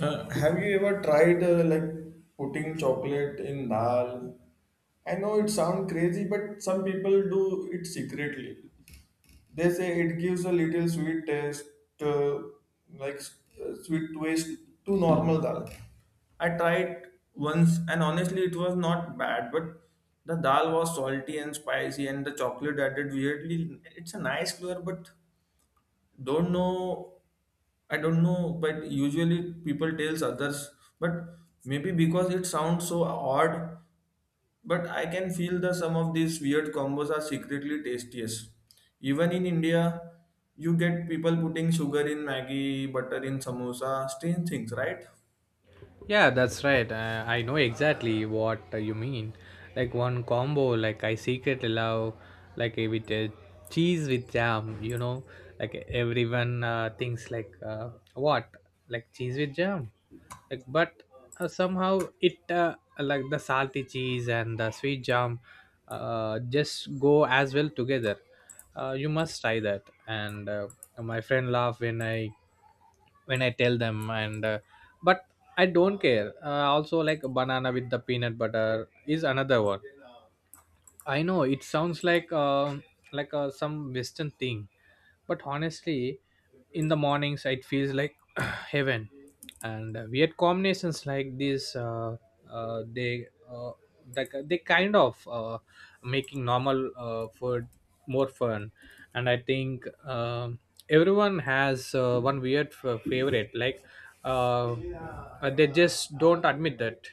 Have you ever tried like putting chocolate in dal? I know it sounds crazy, but some people do it secretly. They say it gives a little sweet taste, uh, like sweet twist to normal dal. I tried once, and honestly, it was not bad, but the dal was salty and spicy, and the chocolate added weirdly. It's a nice flavor, but don't know I don't know, but usually people tells others, but maybe because it sounds so odd, but I can feel that some of these weird combos are secretly tastiest. Even in India, you get people putting sugar in Maggie, butter in samosa, strange things, right? Yeah, that's right. I know exactly what you mean. Like one combo, like I secretly love, like with cheese with jam. You know, like everyone thinks like cheese with jam, but somehow it like the salty cheese and the sweet jam just go as well together. You must try that. And My friend laugh when I tell them and. But I don't care. Also, like banana with the peanut butter is another one. I know it sounds like some Western thing, but honestly, in the mornings it feels like heaven, and weird combinations like this uh, uh, they uh, they, they kind of making normal food more fun, and I think everyone has one weird favorite like uh, they just don't admit that.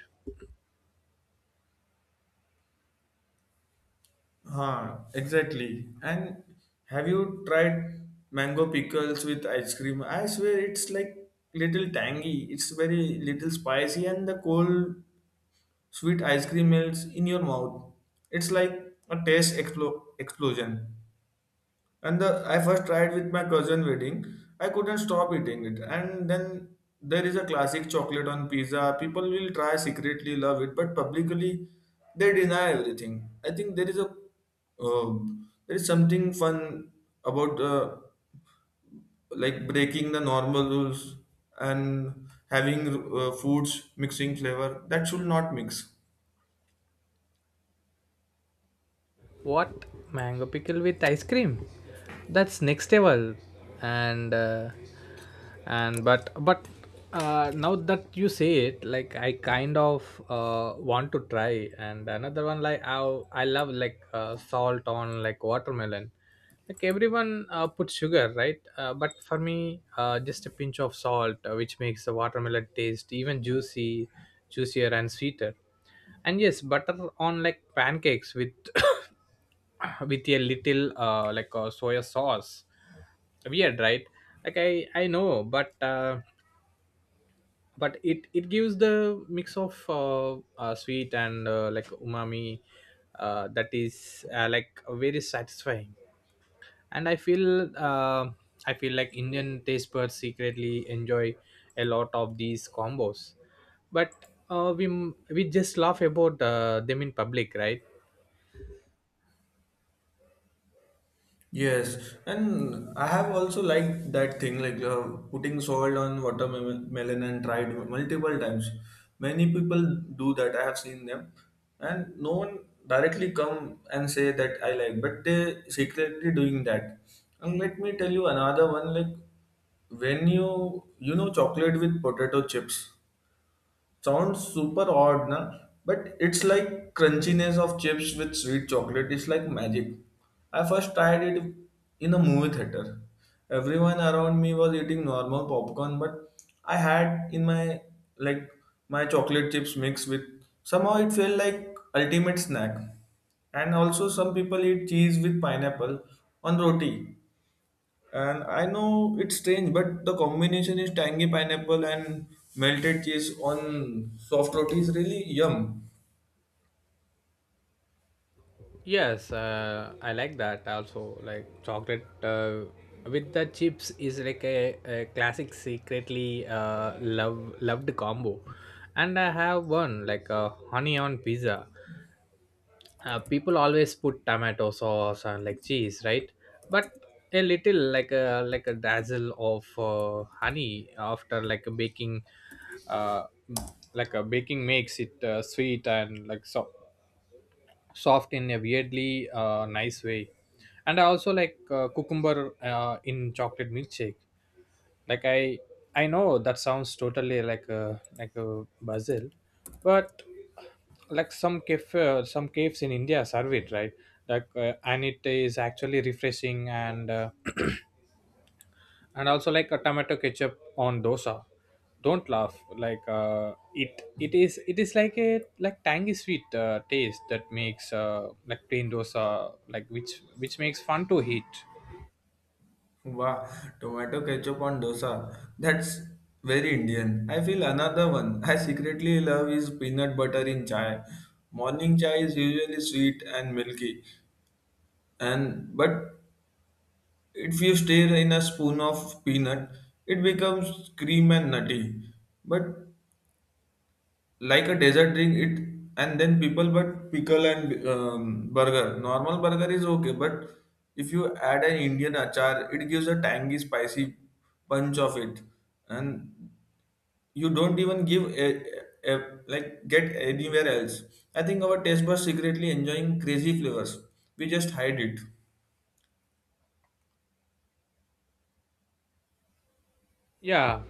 Huh, exactly. And have you tried mango pickles with ice cream? I swear it's like little tangy. It's very little spicy and the cold sweet ice cream melts in your mouth. It's like a taste explosion. I first tried with my cousin wedding. I couldn't stop eating it. And then there is a classic chocolate on pizza. People will try secretly love it, but publicly they deny everything. I think there is a uh, there is something fun about like breaking the normal rules and having foods mixing flavor that should not mix. What mango pickle with ice cream? That's next level and uh, and but now that you say it like I kind of want to try and another one. I love like salt on like watermelon. Like everyone puts sugar, right, but for me just a pinch of salt, which makes the watermelon taste even juicy juicier and sweeter. And yes, butter on like pancakes with with a little soya sauce. Weird, right? Like I know, but it gives the mix of sweet and like umami that is like very satisfying. And I feel like Indian taste buds secretly enjoy a lot of these combos, but uh, we we just laugh about them in public, right? Yes, and I have also liked that thing like putting salt on watermelon and tried multiple times. Many people do that. I have seen them, and no one directly come and say that I like, but they secretly doing that. And let me tell you another one like when you know chocolate with potato chips sounds super odd, na? But it's like crunchiness of chips with sweet chocolate. It's like magic. I first tried it in a movie theater. Everyone around me was eating normal popcorn, but I had in my like my chocolate chips mixed with somehow it felt like ultimate snack. And also some people eat cheese with pineapple on roti. And I know it's strange, but the combination is tangy pineapple and melted cheese on soft roti is really yum. Yes, I like that also. Like chocolate with the chips is like a classic secretly loved combo. And I have one like a honey on pizza. People always put tomato sauce and like cheese, right? But a little like a dazzle of honey after uh, like a baking makes it sweet and like so soft in a weirdly nice way. And I also like cucumber in chocolate milkshake. Like I know that sounds totally like a basil, but like some caves in India serve it, right? Like and it is actually refreshing, and and also like a tomato ketchup on dosa. Don't laugh, like it is like a like tangy sweet taste that makes like plain dosa like which makes fun to eat. Wow, tomato ketchup on dosa. That's very Indian. I feel another one I secretly love is peanut butter in chai. Morning chai is usually sweet and milky, and but if you stir in a spoon of peanut, it becomes cream and nutty. But like a dessert drink it and then people but pickle and burger normal burger is okay but if you add an indian achar it gives a tangy spicy punch of it and you don't even give like get anywhere else I think our taste buds secretly enjoying crazy flavors we just hide it. Yeah,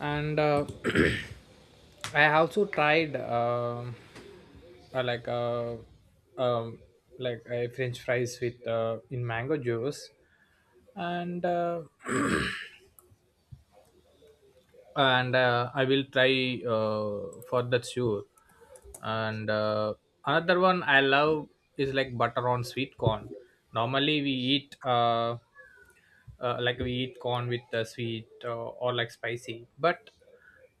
and I also tried uh, like uh, um like a french fries with in mango juice, and uh, and I will try for that, sure. And Another one I love is like butter on sweet corn. Normally we eat we eat corn with the sweet or like spicy, but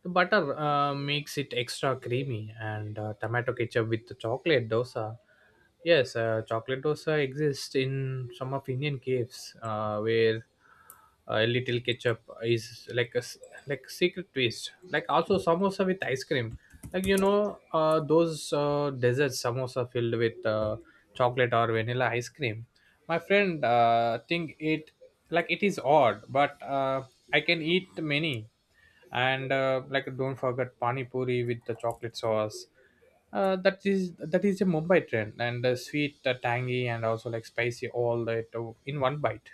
the butter makes it extra creamy. And tomato ketchup with the chocolate dosa. Yes, chocolate dosa exists in some of Indian caves where a little ketchup is like a s- like secret twist. Like also samosa with ice cream, like you know those desserts samosa filled with chocolate or vanilla ice cream. My friend think it like it is odd, but I can eat many. And like don't forget pani puri with the chocolate sauce. Uh, that is that is a Mumbai trend, and sweet tangy and also like spicy, all that in one bite.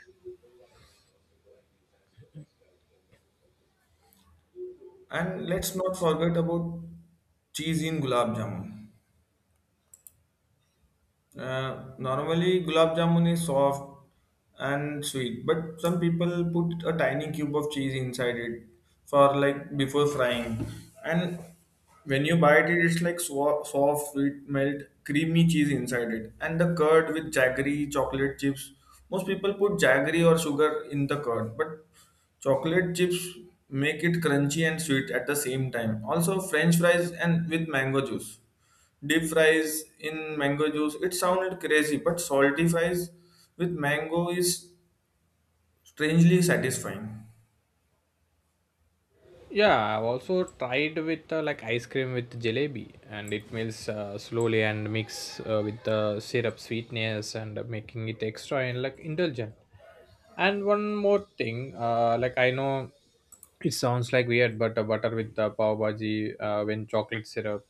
And let's not forget about cheese in gulab jamun. Normally, gulab jamun is soft and sweet, but some people put a tiny cube of cheese inside it for like before frying. And when you bite it, it's like soft, sweet, melt, creamy cheese inside it. And the curd with jaggery, chocolate chips. Most people put jaggery or sugar in the curd, but chocolate chips make it crunchy and sweet at the same time. Also, French fries and with mango juice. Deep fries in mango juice. It sounded crazy, but salty fries with mango is strangely satisfying. Yeah, I've also tried with like ice cream with jalebi, and it melts slowly and mix with the syrup sweetness and making it extra and like indulgent. And one more thing, like I know it sounds like weird, but butter with the pav bhaji when chocolate syrup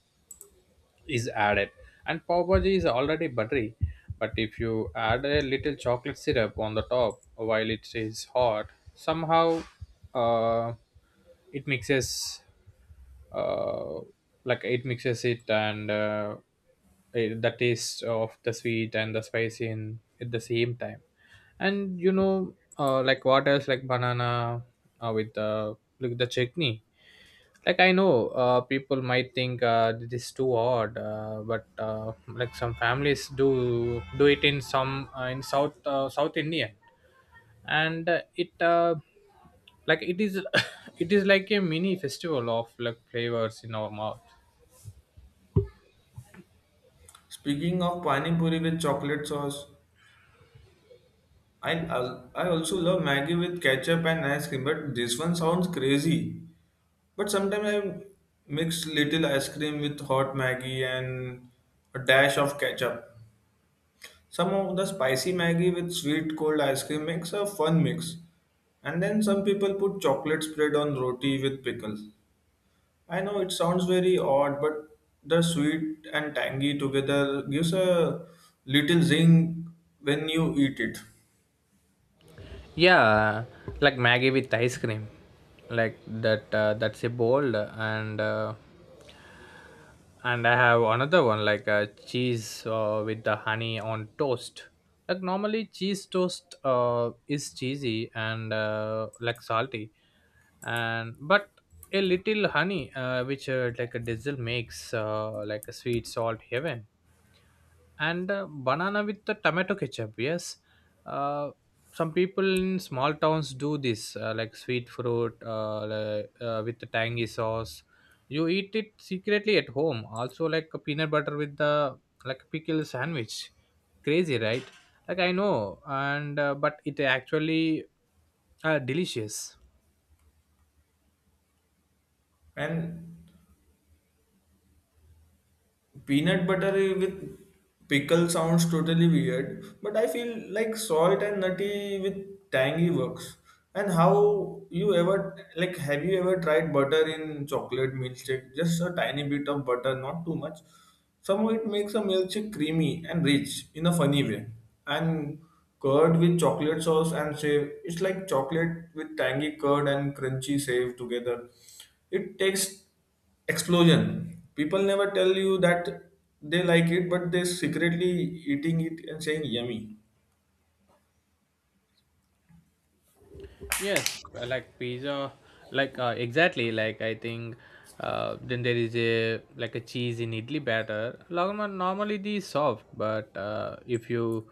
is added, and pav bhaji is already buttery, but if you add a little chocolate syrup on the top while it is hot, somehow uh, it mixes uh, it mixes it, and it, the taste of the sweet and the spicy in at the same time. And you know like what else, like banana with the chutney. Like I know people might think this is too odd, but like some families do it in some in south south Indian. And it like it is it is like a mini festival of like flavors in our mouth. Speaking of pani puri with chocolate sauce, I I also love Maggie with ketchup and ice cream, but this one sounds crazy. But sometimes I mix little ice cream with hot Maggie and a dash of ketchup. Some of the spicy Maggie with sweet cold ice cream makes a fun mix. And then some people put chocolate spread on roti with pickles. I know it sounds very odd, but the sweet and tangy together gives a little zing when you eat it. Yeah, like Maggie with ice cream, like that's a bold, and I have another one like cheese with the honey on toast. Like normally, cheese toast is cheesy and like salty, and but a little honey, which like a diesel, makes like a sweet salt heaven. And banana with the tomato ketchup, yes. Uh, some people in small towns do this, like sweet fruit with the tangy sauce. You eat it secretly at home. Also, like a peanut butter with the like a pickle sandwich. Crazy, right? Like I know, and but it actually delicious. And peanut butter with pickle sounds totally weird, but I feel like salt and nutty with tangy works. And how you ever like have you ever tried butter in chocolate milkshake? Just a tiny bit of butter, not too much. Somehow it makes a milkshake creamy and rich in a funny way. And curd with chocolate sauce and save. It's like chocolate with tangy curd and crunchy save together. It takes explosion. People never tell you that they like it, but they secretly eating it and saying yummy. Yes, like pizza, exactly. I think, then there is a like a cheese in idli batter. Normally these soft, but uh, if you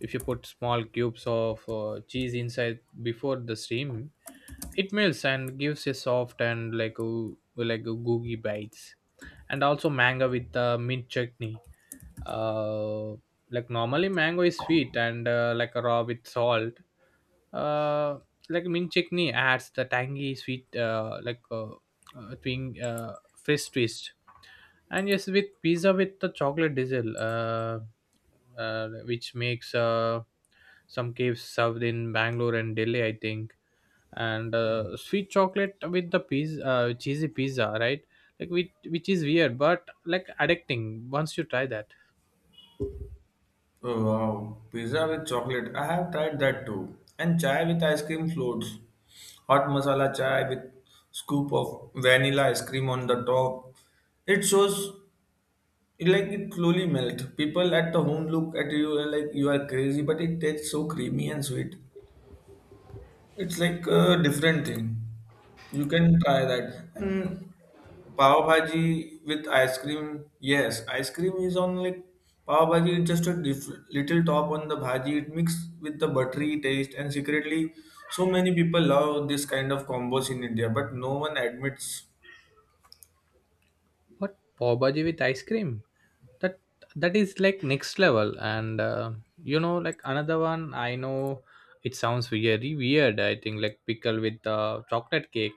if you put small cubes of cheese inside before the steam, it melts and gives a soft and like a gooey bites. And also mango with mint chutney. Uh, like normally mango is sweet and like raw with salt, uh, like mint chutney adds the tangy sweet twing fresh twist. And yes, with pizza with the chocolate drizzle, which makes some caves served in Bangalore and Delhi I think, and sweet chocolate with the pizza cheesy pizza, right? Like which is weird but like addicting once you try that. Oh, wow, pizza with chocolate. I have tried that too. And chai with ice cream floats. Hot masala chai with scoop of vanilla ice cream on the top. It shows like it slowly melt. People at the home look at you like you are crazy, but it tastes so creamy and sweet. It's like a different thing. You can try that. And pav bhaji with ice cream, yes, ice cream is on like pav bhaji. It's just a little top on the bhaji. It mixed with the buttery taste, and secretly, so many people love this kind of combos in India, but no one admits. What, pav bhaji with ice cream? That that is like next level. And you know, like another one. I know it sounds very weird. I think like pickle with chocolate cake.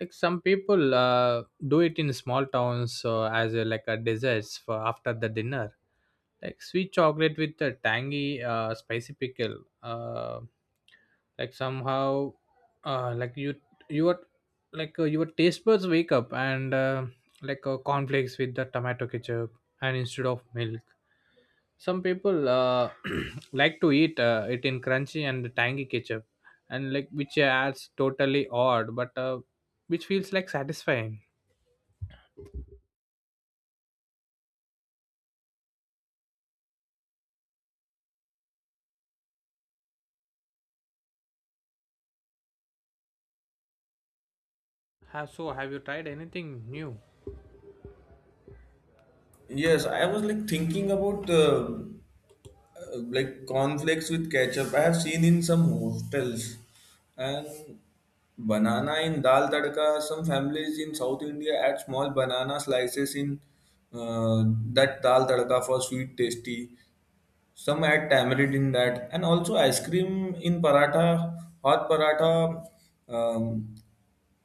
Like some people do it in small towns as a, like a desserts for after the dinner. Like sweet chocolate with a tangy spicy pickle. Like somehow uh, like you you are like your taste buds wake up. And cornflakes with the tomato ketchup, and instead of milk some people like to eat it in crunchy and tangy ketchup, and like which adds totally odd, but which feels like satisfying. Have you tried anything new? Yes, I was like thinking about like cornflakes with ketchup. I have seen in some hostels and banana in dal tadka. Some families in South India add small banana slices in uh, that dal tadka for sweet tasty. Some add tamarind in that, and also ice cream in paratha, hot paratha. Um,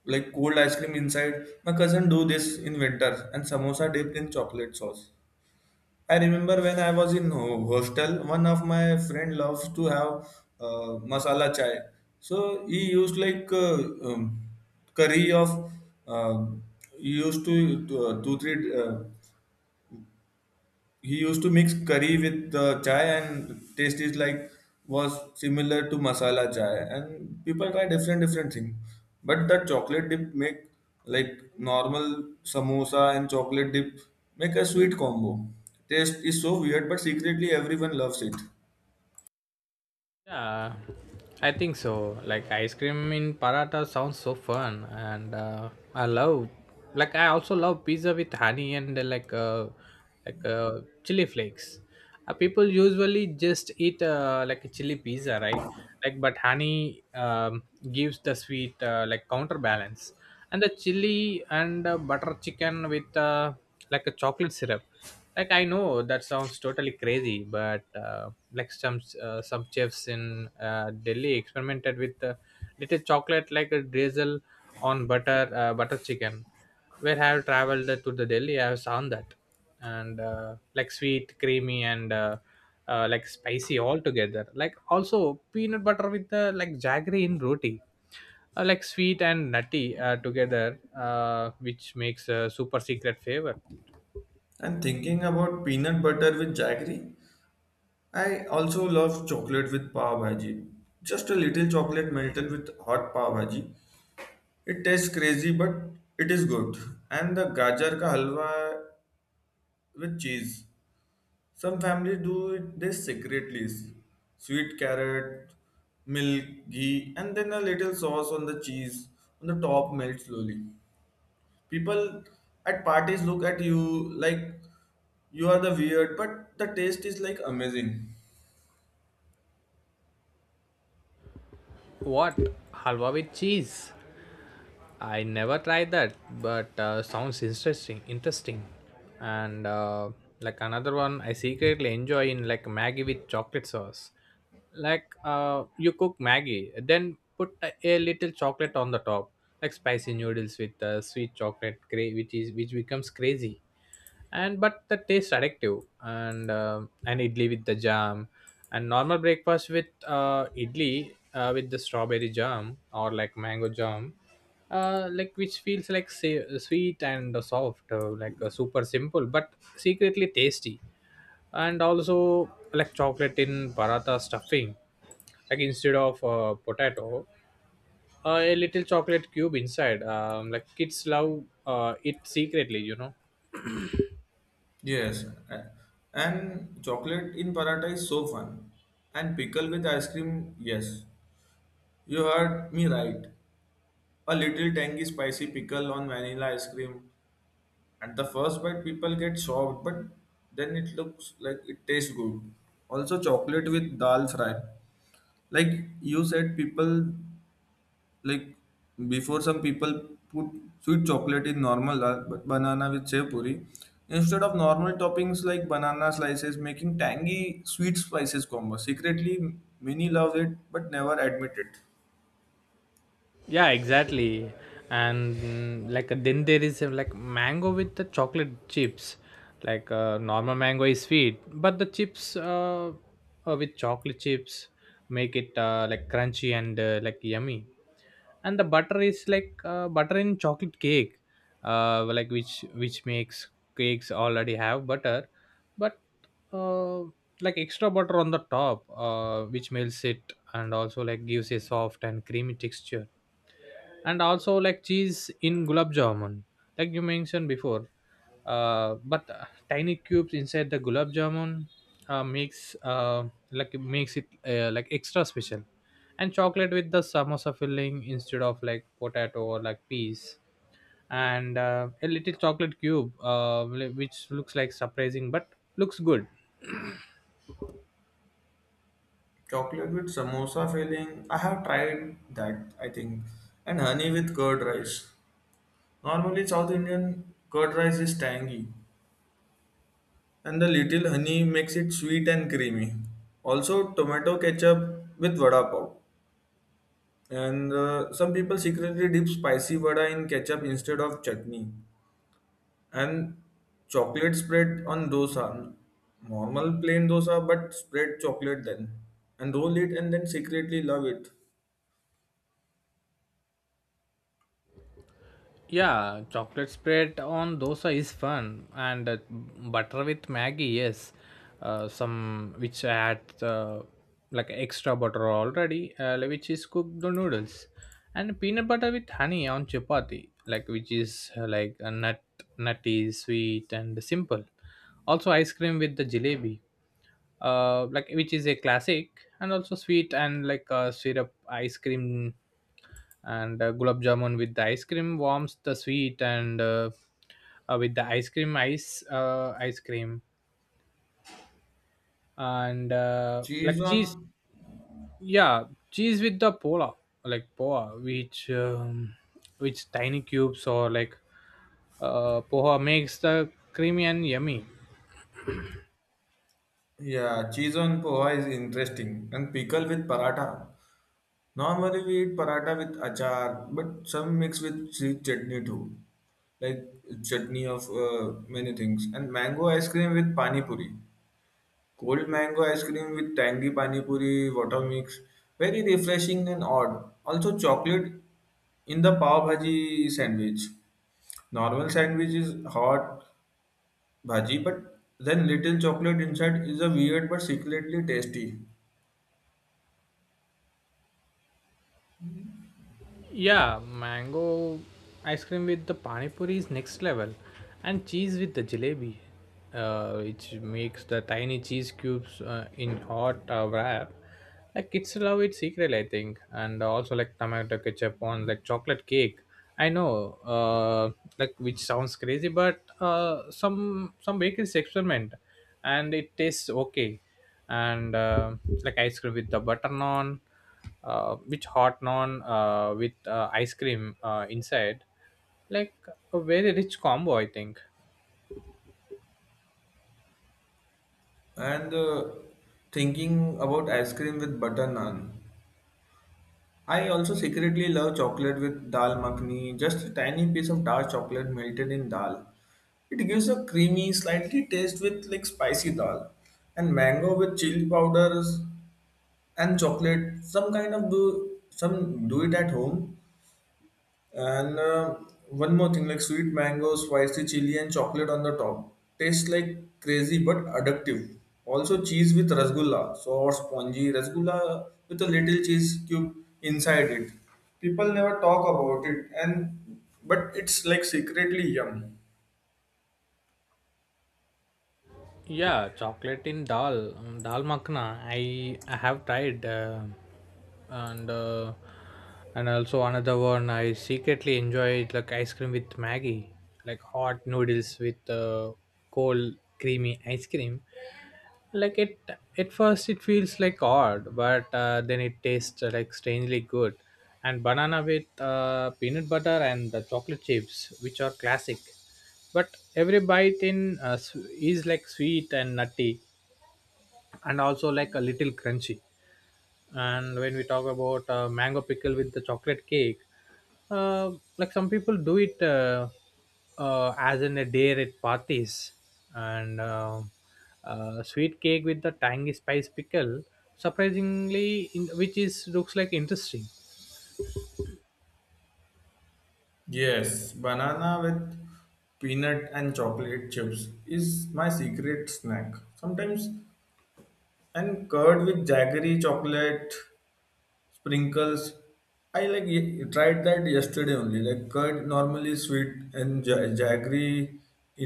like cold ice cream inside. My cousin do this in winter and samosa dipped in chocolate sauce. I remember when I was in hostel, one of my friend loves to have masala chai. So he used like um, curry of uh, he used to two, 2-3 he used to mix curry with the chai and taste is like was similar to masala chai and people try different different thing but that chocolate dip make like normal samosa and chocolate dip make a sweet combo taste is so weird but secretly everyone loves it. Yeah, I think so. Like ice cream in paratha sounds so fun, and I love. Like I also love pizza with honey and chili flakes. People usually just eat like a chili pizza, right? Like, but honey gives the sweet like counterbalance, and the chili. And butter chicken with like a chocolate syrup. Like I know that sounds totally crazy, but like some some chefs in Delhi experimented with little chocolate like a drizzle on butter chicken, where I have traveled to the Delhi I have found that. And like sweet creamy and like spicy all together. Like also peanut butter with like jaggery in roti. Like sweet and nutty together, which makes a super secret flavor. And thinking about peanut butter with jaggery I also love chocolate with pav bhaji, just a little chocolate melted with hot pav bhaji. It tastes crazy, but it is good. And the gajar ka halwa with cheese. Some families do it this secretly. Sweet carrot, milk, ghee, and then a little sauce on the cheese on the top melt slowly. People at parties look at you like you are the weird, but the taste is like amazing. What? Halwa with cheese? I never tried that, but sounds interesting. Interesting, and like another one I secretly enjoy in like Maggie with chocolate sauce. Like you cook Maggie, then put a little chocolate on the top, like spicy noodles with sweet chocolate, which becomes crazy, and but the taste addictive, and idli with the jam, and normal breakfast with idli with the strawberry jam or like mango jam, like which feels like sweet and soft, super simple but secretly tasty. And also, like chocolate in paratha stuffing, like instead of potato, a little chocolate cube inside, like kids love it secretly. Yes, and chocolate in paratha is so fun. And pickle with ice cream, yes, you heard me right. A little tangy spicy pickle on vanilla ice cream. At the first bite, people get shocked, but then it looks like it tastes good. Also, chocolate with dal fry. Like you said, people like before some people put sweet chocolate in normal dal, but banana with sev puri instead of normal toppings like banana slices, making tangy sweet spices combo. Secretly, many love it but never admit it. Yeah, exactly. And like then there is like mango with the chocolate chips, like normal mango is sweet, but the chips with chocolate chips make it like crunchy and like yummy. And the butter is like butter in chocolate cake, like which makes cakes already have butter, but uh, like extra butter on the top which melts it, and also like gives a soft and creamy texture. And also, like cheese in gulab jamun, like you mentioned before, but tiny cubes inside the gulab jamun makes like it makes it like extra special. And chocolate with the samosa filling instead of like potato or like peas, and a little chocolate cube which looks like surprising, but looks good. Chocolate with samosa filling. I have tried that, I think. And honey with curd rice. Normally, South Indian curd rice is tangy, and the little honey makes it sweet and creamy. Also, tomato ketchup with vada pav. And some people secretly dip spicy vada in ketchup instead of chutney. And chocolate spread on dosa. Normal plain dosa, but spread chocolate then. And roll it and then secretly love it. Yeah, chocolate spread on dosa is fun, and butter with Maggie, yes. Some which add like extra butter already, like which is cooked the noodles, and peanut butter with honey on chapati, like which is like a nutty, sweet, and simple. Also, ice cream with the jalebi, like which is a classic, and also sweet and like syrup ice cream, and gulab jamun with the ice cream warms the sweet, and with the ice cream, and Cheese like cheese. on Yeah, cheese with the pola, like poa, which tiny cubes, or like poha makes the creamy and yummy. yeah, cheese on poha is interesting. And pickle with paratha. Normally we eat paratha with achar, but some mix with sweet chutney too. Like chutney of many things. And mango ice cream with pani puri. Cold mango ice cream with tangy pani puri, water mix. Very refreshing and odd. Also chocolate in the pav bhaji sandwich. Normal sandwich is hot bhaji, but then little chocolate inside is a weird but secretly tasty. Yeah, mango ice cream with the pani puri is next level, and cheese with the jalebi, which makes the tiny cheese cubes in hot wrap. Like kids love it secret, I think, and also like tomato ketchup on like chocolate cake. I know, like which sounds crazy, but some bakeries experiment, and it tastes okay, and like ice cream with the butter naan, with hot naan with ice cream inside, like a very rich combo, I think. And thinking about ice cream with butter naan, I also secretly love chocolate with dal makhani, just a tiny piece of dark chocolate melted in dal. It gives a creamy, slightly taste with like spicy dal. And mango with chili powders and chocolate. Some kind of do some do it at home and one more thing, like sweet mango, spicy chili, and chocolate on the top. Tastes like crazy but addictive. Also, cheese with rasgulla, soft, spongy rasgulla with a little cheese cube inside it. People never talk about it, and but it's like secretly yum. Yeah, chocolate in dal, dal makhna. I have tried, and uh, and also another one. I secretly enjoy it like ice cream with Maggie, like hot noodles with cold creamy ice cream. Like it at first it feels like odd, but then it tastes like strangely good. And banana with peanut butter and the chocolate chips, which are classic, but every bite is like sweet and nutty, and also like a little crunchy. And when we talk about mango pickle with the chocolate cake, uh, like some people do it, as in a day at parties, and sweet cake with the tangy spice pickle, surprisingly in, which is looks like interesting. Yes, banana with peanut and chocolate chips is my secret snack. Sometimes and curd with jaggery chocolate sprinkles I like tried that yesterday only like curd normally sweet and jaggery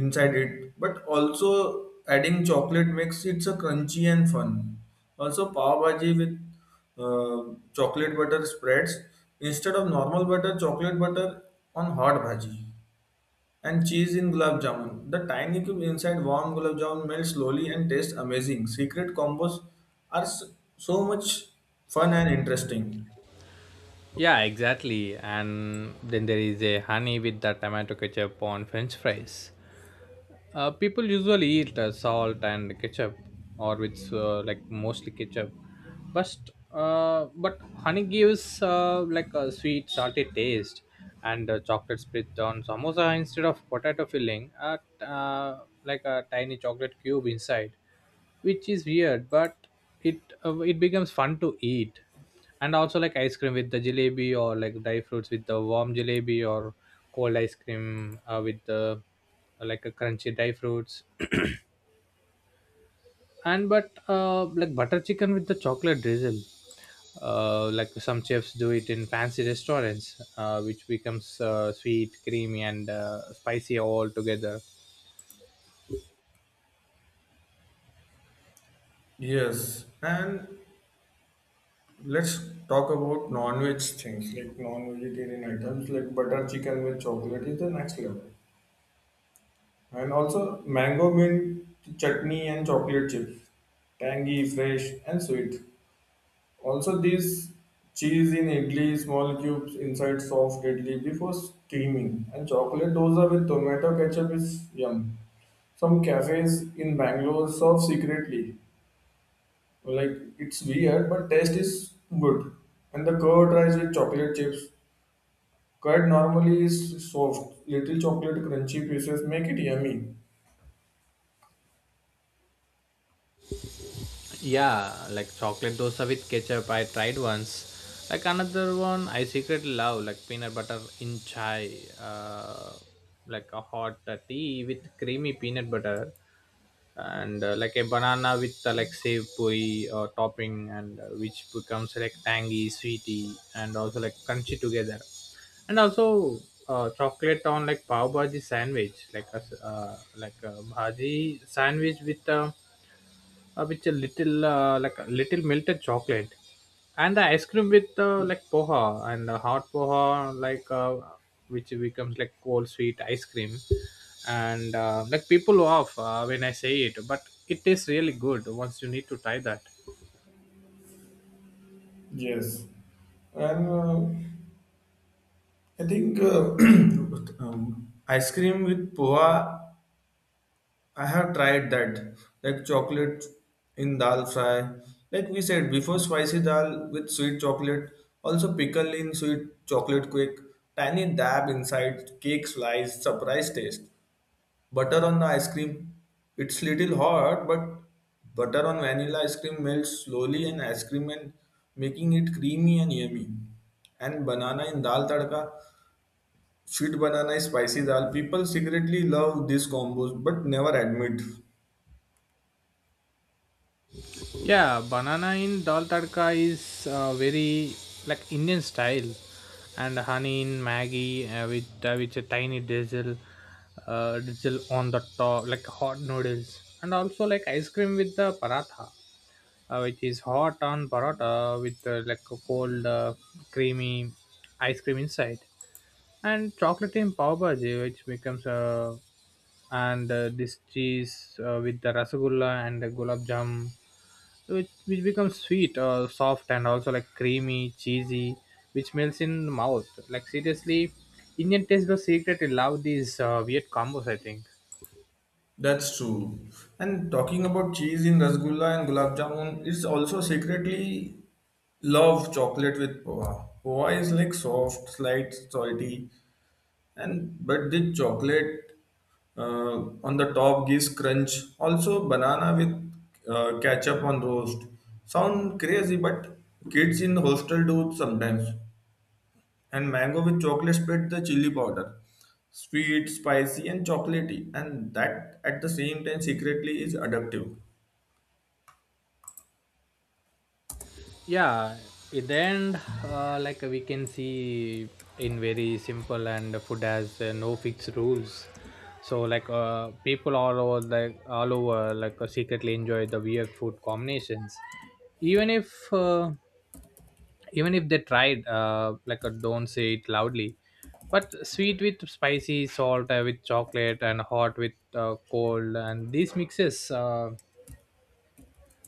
inside it but also adding chocolate makes it so crunchy and fun. Also pav bhaji with uh, chocolate butter spreads instead of normal butter chocolate butter on hot bhaji and cheese in gulab jamun the tiny cube inside warm gulab jamun melts slowly and tastes amazing secret combos are so much fun and interesting. Yeah, exactly. And then there is a honey with the tomato ketchup on french fries. People usually eat salt and ketchup, or with like mostly ketchup. But but honey gives like a sweet, salty taste, and chocolate spread on samosa instead of potato filling, at like a tiny chocolate cube inside, which is weird, but it it becomes fun to eat. And also, like ice cream with the jalebi, or like dry fruits with the warm jalebi, or cold ice cream with the like a crunchy dry fruits and but like butter chicken with the chocolate drizzle, like some chefs do it in fancy restaurants, which becomes sweet, creamy, and spicy all together. Yes, and let's talk about non-veg things like non-vegetarian items like butter chicken with chocolate is the next level, and also mango mint chutney and chocolate chips, tangy, fresh, and sweet. Also, these cheese in idli, small cubes inside soft idli before steaming, and chocolate dosa with tomato ketchup is yum. Some cafes in Bangalore serve secretly. Like it's weird, but taste is good. And the curd rice with chocolate chips. Curd normally is soft. Little chocolate crunchy pieces make it yummy. Yeah, like chocolate dosa with ketchup, I tried once. Like another one, I secretly love like peanut butter in chai, uh, like a hot tea with creamy peanut butter, and like a banana with like save puri or topping, and which becomes like tangy, sweety, and also like crunchy together. And also, chocolate on like pav bhaji sandwich, like a like a bhaji sandwich with. With a little like a little melted chocolate, and the ice cream with like poha and hot poha, like which becomes like cold sweet ice cream. And like people off when I say it, but it tastes really good once. You need to try that. Yes. And I think ice cream with poha, I have tried that. Like chocolate in dal fry. Like we said before, spicy dal with sweet chocolate. Also pickle in sweet chocolate cake. Tiny dab inside cake slice. Surprise taste. Butter on the ice cream, it's little hot but butter on vanilla ice cream melts slowly and ice cream and making it creamy and yummy. And banana in dal tadka, sweet banana is spicy dal, people secretly love these combos but never admit. Yeah, banana in dal tadka is very like Indian style, and honey in Maggie with a tiny drizzle, drizzle on the top like hot noodles, and also like ice cream with the paratha, which is hot on paratha with like a cold creamy ice cream inside, and chocolate in pav bhaji, which becomes a. And this cheese with the rasagulla and the gulab jam, which becomes sweet, soft, and also like creamy cheesy, which melts in the mouth, like seriously. Indian taste buds secretly love these weird combos, I think. That's true. And talking about cheese in rasgulla and gulab jamun it's also secretly love chocolate with poha. Poha is like soft slight salty and but the chocolate uh, on the top gives crunch. Also banana with ketchup on roast sound crazy but kids in hostel do sometimes. And mango with chocolate spread the chili powder sweet spicy and chocolatey and that at the same time secretly is addictive. Yeah, in the end, like we can see, in very simple, and food has no fixed rules. So like people all over, like secretly enjoy the weird food combinations, even if they tried, like a don't say it loudly, but sweet with spicy salt, with chocolate, and hot with cold, and these mixes,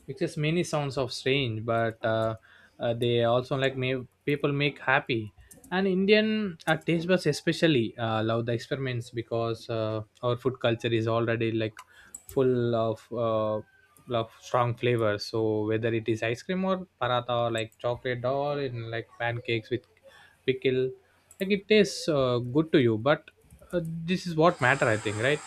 it is many sounds of strange, but they also like may people make happy. And Indian taste buds especially love the experiments, because our food culture is already like full of strong flavors. So whether it is ice cream or paratha, or like chocolate or in like pancakes with pickle, like it tastes good to you. But this is what matter, I think, right?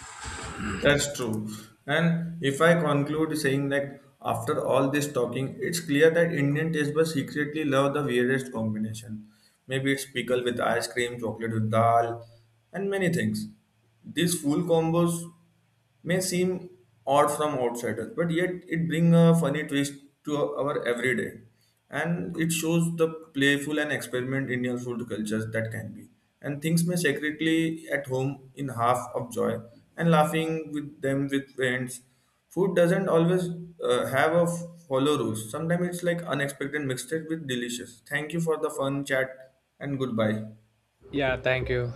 That's true. And if I conclude saying that after all this talking, it's clear that Indian taste buds secretly love the weirdest combination. Maybe it's pickle with ice cream, chocolate with dal, and many things. These full combos may seem odd from outsiders, but yet it brings a funny twist to our everyday and it shows the playful and experiment Indian food cultures that can be. And things may secretly at home in half of joy and laughing with them with friends. Food doesn't always have a follow rules. Sometimes it's like unexpected mixed with delicious. Thank you for the fun chat and goodbye. Yeah, thank you.